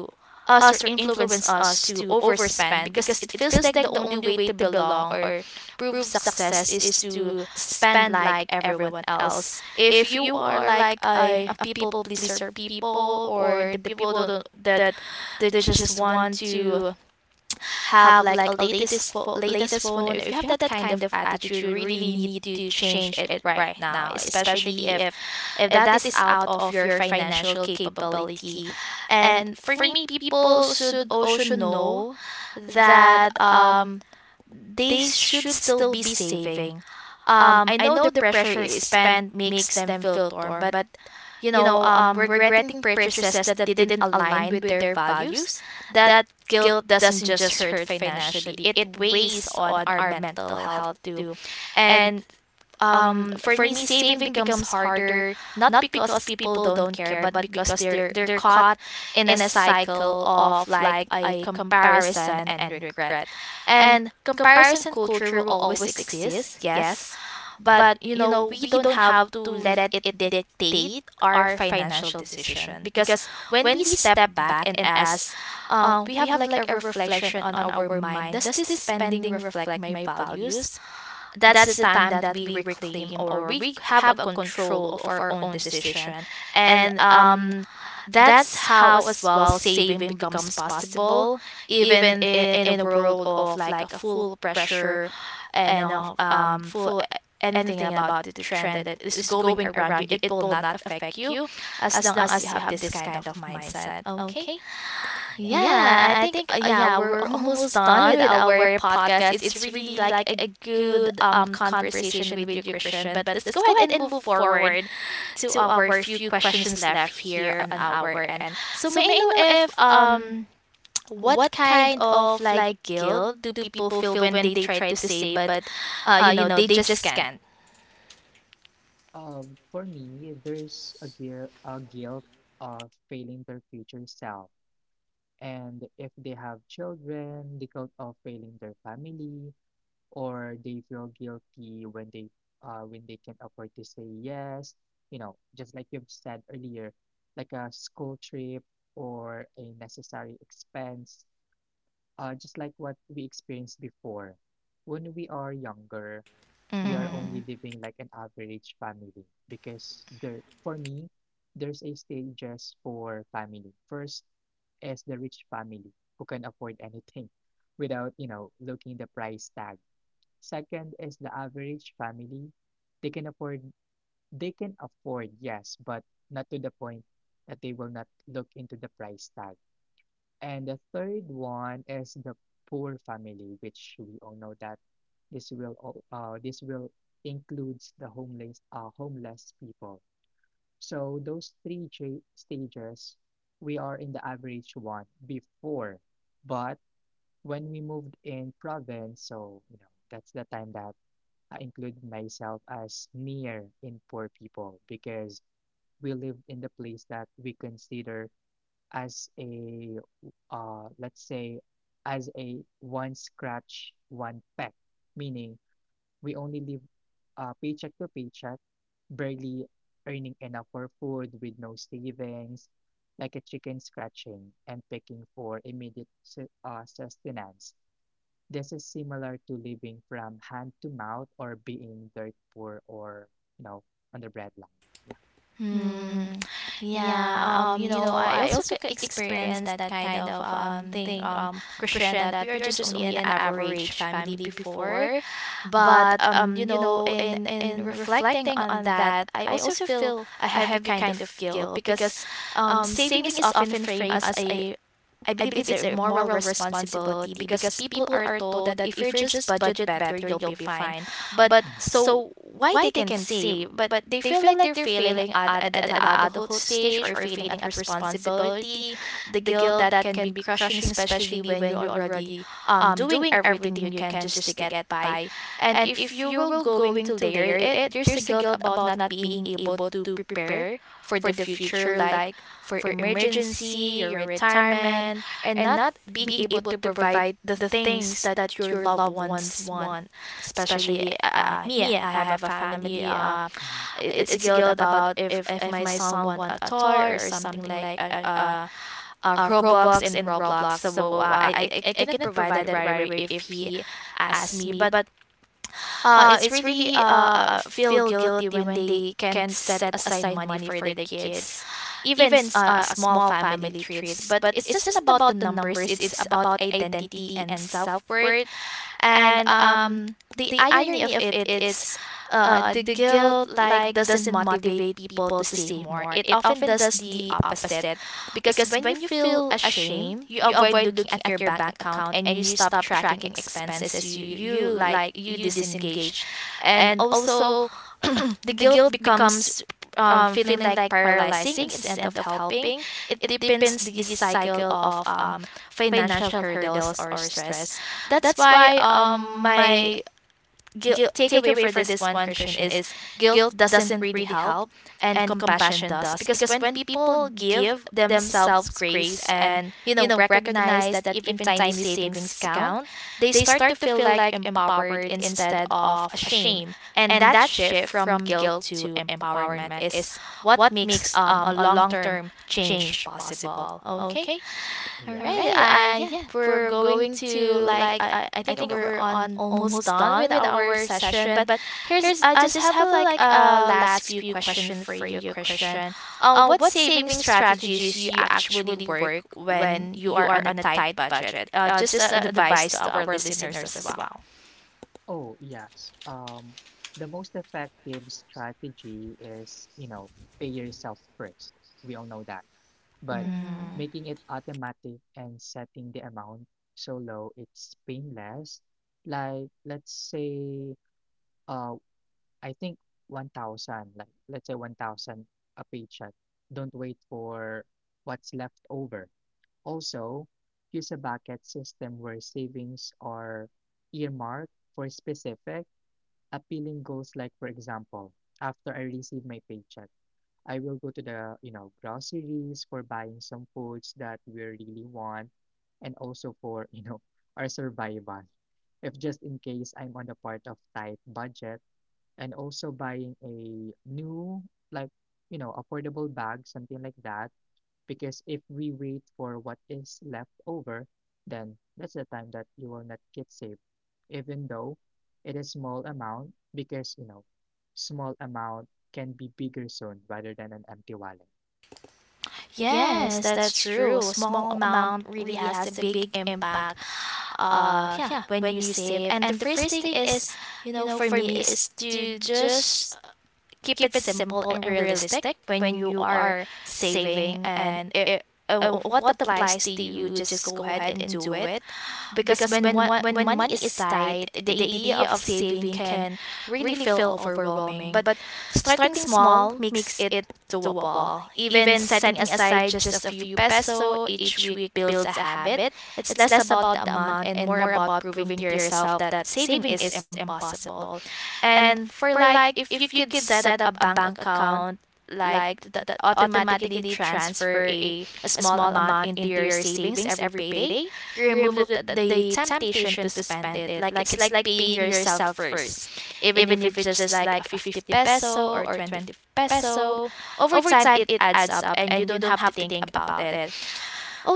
[SPEAKER 1] us or influence us to overspend because it feels like the only way to belong or prove success is to spend like everyone else. If you are like a, a people pleaser people or the people don't, that that just want to have like a latest fo- latest phone, if you have that kind of attitude really need to change it right now, especially if if that is out of your financial capability. And for me, people should also know that um they should still be saving. um I know the pressure is spent makes them feel torn, but you know, um, regretting purchases that didn't align with their values, that guilt doesn't just hurt financially, it weighs on our mental health too. And um for me, saving becomes harder not because people don't care, but because they're they're caught in a cycle of like a comparison and regret. And comparison culture will always exist, yes,
[SPEAKER 2] Mhm.
[SPEAKER 1] but you know, we don't have to let it dictate our financial decision. Because when we step back and ask uh, we have like a reflection on our mind, does this spending reflect my values? That's the time that we reclaim or we have a control of our own decision. And um that's how as well saving becomes possible even in, in a world of like a full pressure and of um full anything about the trend that is going around you, it will not affect you as long as you have this kind of mindset. Okay,
[SPEAKER 2] Yes.
[SPEAKER 1] yeah, I think uh, yeah, we're almost done with our podcast. It's really like a good um conversation with you, Christian. But let's go ahead and move forward to our few questions left here on our end. So may I know if um what kind of like guilt do people feel when they try to say but uh you know they just can't?
[SPEAKER 2] Um, for me, there's a guilt, a guilt of failing their future self. And if they have children, the guilt of failing their family, or they feel guilty when they uh when they can afford to say yes, you know, just like you've said earlier, like a school trip or a necessary expense, uh, just like what we experienced before when we are younger. We are
[SPEAKER 1] Mm-hmm.
[SPEAKER 2] only living like an average family, because there, for me, there's a stages for family. First is the rich family who can afford anything without, you know, looking the price tag. Second is the average family. They can afford, they can afford, yes, but not to the point that they will not look into the price tag. And the third one is the poor family, which we all know that this will all, uh, this will includes the homeless uh, homeless people. So those three cha- stages, we are in the average one before, but when we moved in province, so you know that's the time that I include myself as near in poor people, because we lived in the place that we consider as a, uh, let's say, as a one scratch one peck, meaning we only live, uh, paycheck to paycheck, barely earning enough for food with no savings, like a chicken scratching and pecking for immediate su- uh, sustenance. This is similar to living from hand to mouth, or being dirt poor, or you know, on the breadline. Yeah.
[SPEAKER 1] Hmm. Yeah, um, you know, I also c- experienced that kind of um thing, um, Christian, that we are just only an average family before. But um, you know, in in reflecting on that, I also feel a heavy kind of guilt because um saving is often framed as a I believe it's a moral responsibility because people are told that if you just budget better, you'll be fine. But
[SPEAKER 2] Mhm.
[SPEAKER 1] so why they can save, but they feel like they're failing at, at, at the adulthood stage or failing at responsibility, the guilt that can be crushing, especially when you're already um doing everything you can just to get by. And if you will going to layer it, there's a guilt about not being able to prepare for the future, like for emergency, your retirement, and not being able to provide the things that your loved ones want, especially uh, me I have a family uh,
[SPEAKER 2] Mm,
[SPEAKER 1] it- it's a guilt about if if my son want a toy or something like a, a, a robux and roblox, so uh, I, I I cannot provide that right away if he asks me, but uh, it's really uh, uh, feel guilty when they can't set aside money for their kids, even s- uh, a small family treats. But it's just about the numbers. It's about identity and self worth, and um the irony of it it's uh the guilt like doesn't motivate people to save more, it often does the opposite, because when you feel ashamed you avoid looking at your bank account and you stop tracking expenses, you you like you disengage. And also, the guilt becomes um, feeling like paralyzing instead of helping. It deepens the cycle of um, financial hurdles or stress. That's why um, my guilt takeaway for this one, Christian, is guilt doesn't really help, and compassion does, because when people give themselves grace and you know recognize that even tiny savings count, they start to feel like empowered instead of ashamed. And that shift from guilt to empowerment is what makes um, a long-term change possible. Okay, all right.
[SPEAKER 2] yes.
[SPEAKER 1] Uh, yeah, we're going to like I I think we're on almost done with our session, but here's I just have like a last few question for you, Christian. Um, what saving strategies you actually work when you are on a tight budget? Uh, just uh, advice to our listeners as well.
[SPEAKER 2] Oh, yes. Um, the most effective strategy is, you know, pay yourself first. We all know that. But
[SPEAKER 1] Mm.
[SPEAKER 2] making it automatic and setting the amount so low it's painless. Like, let's say, uh, I think one thousand, like, let's say one thousand a paycheck. Don't wait for what's left over. Also, use a bucket system where savings are earmarked for specific appealing goals, like for example, after I receive my paycheck, I will go to the, you know, groceries for buying some foods that we really want, and also for, you know, our survival if just in case I'm on the part of tight budget, and also buying a new, like, you know, affordable bag, something like that. Because if we wait for what is left over, then that's the time that you will not get saved, even though it is small amount, because you know, small amount can be bigger soon rather than an empty wallet.
[SPEAKER 1] Yes, that's true. A small amount really has a big impact. Uh yeah, when you save. And the first thing is, you know, for me is to just keep it simple and realistic when you are saving and it, uh, what applies to you, just go ahead and do it. Because when one, when money is tight, the idea of saving can really feel overwhelming. But starting small makes it doable. Even setting aside just a few peso each week builds a habit. It's less about the amount and more about proving to yourself that saving is impossible. And for like, if you could set up a bank account like that automatically transfer a, a small amount into your savings every payday, you remove the, the temptation to spend it. Like it's like paying yourself first, even if it's just like a fifty peso or twenty peso. Over time, it adds up and you don't have to think about it.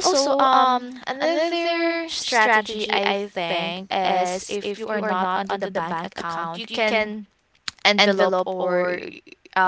[SPEAKER 1] Also, um, another strategy I think is if you are not onto the bank account, you can envelope or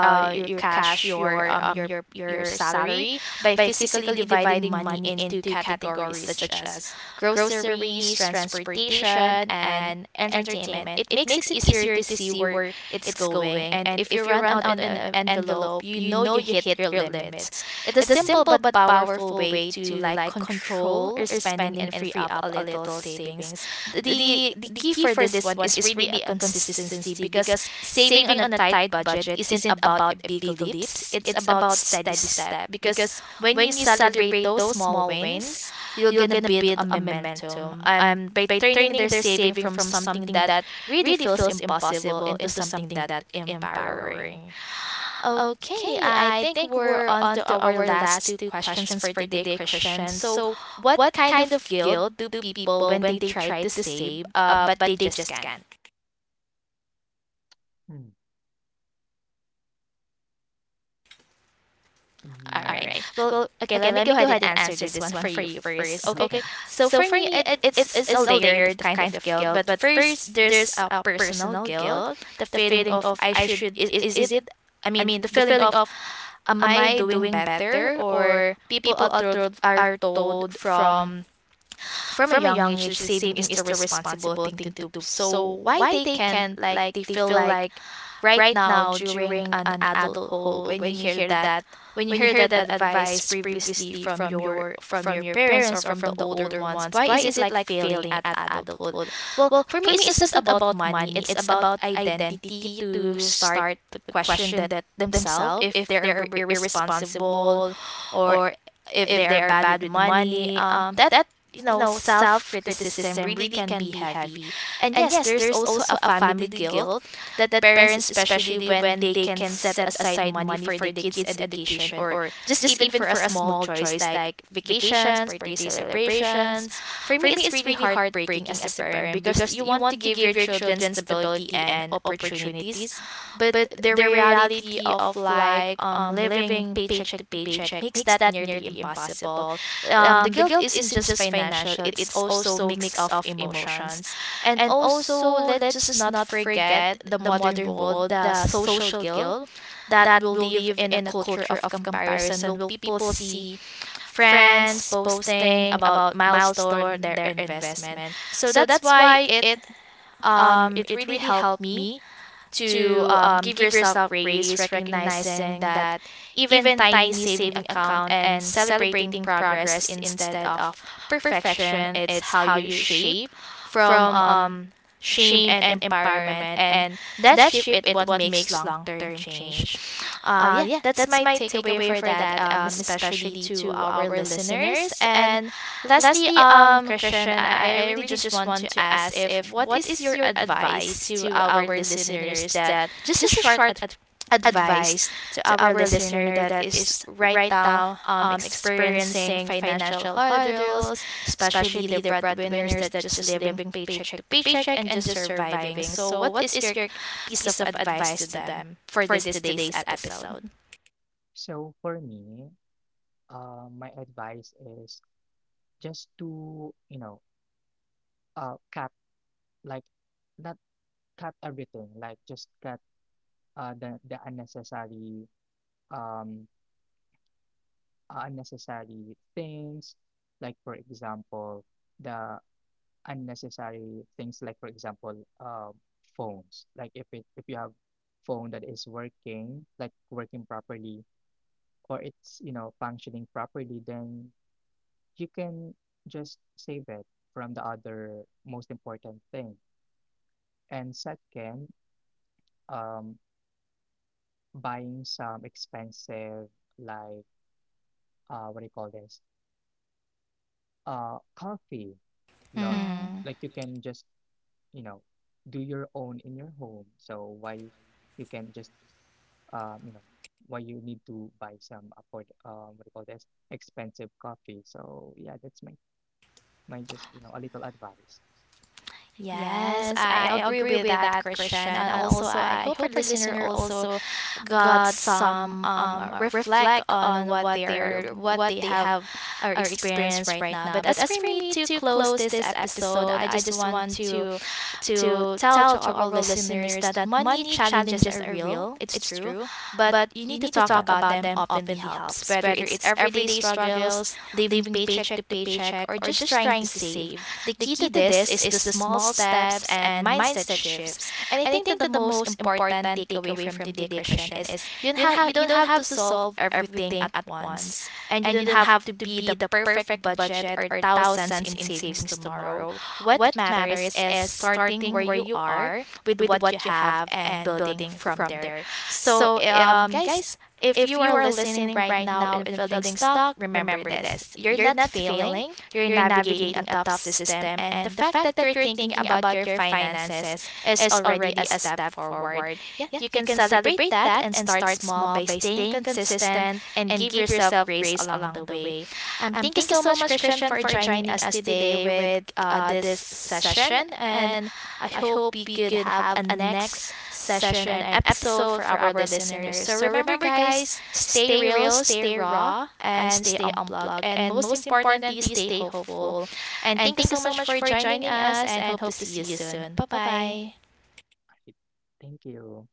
[SPEAKER 1] uh, your cash, your um your your salary by physically dividing money into categories such as groceries, transportation, and entertainment. It makes it easier to see where it's going, and if you run out an en- envelope, you know you hit your limits. It's a
[SPEAKER 2] Yeah.
[SPEAKER 1] simple but powerful way to like control your spending and free up a little savings. The the key for this one is really a consistency, because saving on a tight budget isn't about a big leaps, it's about steady step, because when you celebrate those small wins, you're going to build a momentum. Um by turning their saving from something that really feels impossible into something that empowering. Okay, I think we're on to our last two questions for today, Christian. So, what kind of guilt do people when they try to save uh but they just can't?
[SPEAKER 2] Hmm.
[SPEAKER 1] All
[SPEAKER 2] Mm.
[SPEAKER 1] right. Well, okay, let me go ahead and answer this one for you first.
[SPEAKER 2] Okay.
[SPEAKER 1] Okay. So for me it it's it's a layered of kind of guilt, but first there's a personal guilt, the feeling of I should is, is it I mean, the feeling of am I doing better or people are told are told from from a young age that saving is the responsible thing to do. So why they can't, like they feel like right now during an adulthood when you hear that when you hear that advice previously from your from your parents or from the older ones, why is it like failing at adulthood? Well, for me, it's just not about money, it's about identity, to start the question that themselves if they're ir- irresponsible or if they are bad with money, um that you know self criticism really can be heavy. And yes, there's also a family guilt, that parents, especially when they can set aside money for the kids' education or just even for a small choice like vacations, birthday celebrations. For me, it's really heartbreaking as a parent because you want to give your children stability and opportunities, but the reality of like um living paycheck to paycheck makes that nearly impossible. Um, the guilt isn't just financial; it's also mix of emotions. And also, let's just not forget the modern world, the social guilt that will live in a culture of comparison. Will people see friends posting about milestone their investment? So that's why it um it really helped me to um, give yourself grace, recognizing that even tiny saving account and celebrating progress instead of perfection, it's how you shape from um, shame and empowerment, and that shape it what makes long term change. Uh, yeah, that's my takeaway for that, um, especially to our listeners. And lastly, um, Christian, I, I really just want to ask if what is your advice to our listeners that just a short ad- advice to our listener that is right now um, experiencing financial hurdles, especially the breadwinners that just living paycheck to paycheck and just surviving. So, what is your piece of advice to them for this today's episode?
[SPEAKER 2] So for me, uh, my advice is just to, you know, uh, cut, like not cut everything, like just cut uh the the unnecessary, um, unnecessary things, like for example the unnecessary things, like for example, um, phones. Like if it if you have phone that is working, like working properly, or it's you know functioning properly, then you can just save it from the other most important thing. And second, um, buying some expensive, like, uh, what do you call this, uh, coffee, like
[SPEAKER 1] Hmm.
[SPEAKER 2] like you can just, you know, do your own in your home. So why you can just, um, you know, why you need to buy some afford, um, what do you call this, expensive coffee. So yeah, that's my, my, just you know, a little advice.
[SPEAKER 1] Yes, I agree with that, Christian. And also, I hope our listener also got some um uh, reflect on what they are, what they have or experienced right now. But as for me to close this episode, I just want to to tell to our listeners that money challenges are real, it's true, but you need to
[SPEAKER 2] Yeah.
[SPEAKER 1] talk about them openly helps, whether it's everyday struggles, living paycheck to paycheck, or just trying to save. The key to this is the small steps and mindset shifts. And I think that the most important takeaway from today, Christian, is you don't have you don't have to solve everything at once, and you don't have to be the perfect budget or thousands in savings tomorrow. What matters is starting where you are with what you have and building from there. So, um, guys, if you are listening right now and feeling stuck, remember this: you're not failing, you're navigating a tough system, and the fact that you're thinking about your finances is already a step forward. Yeah, you can celebrate that and start small by staying consistent and give yourself grace along the way. Um, thank you so much, Christian, for joining us today with uh, this session. And I hope we could have a next session and episode for our listeners. So remember, guys, stay real, stay raw, and stay unplugged. And most importantly, stay hopeful. And thank you so much for joining us and hope to see you soon. Bye bye.
[SPEAKER 2] Right. Thank you.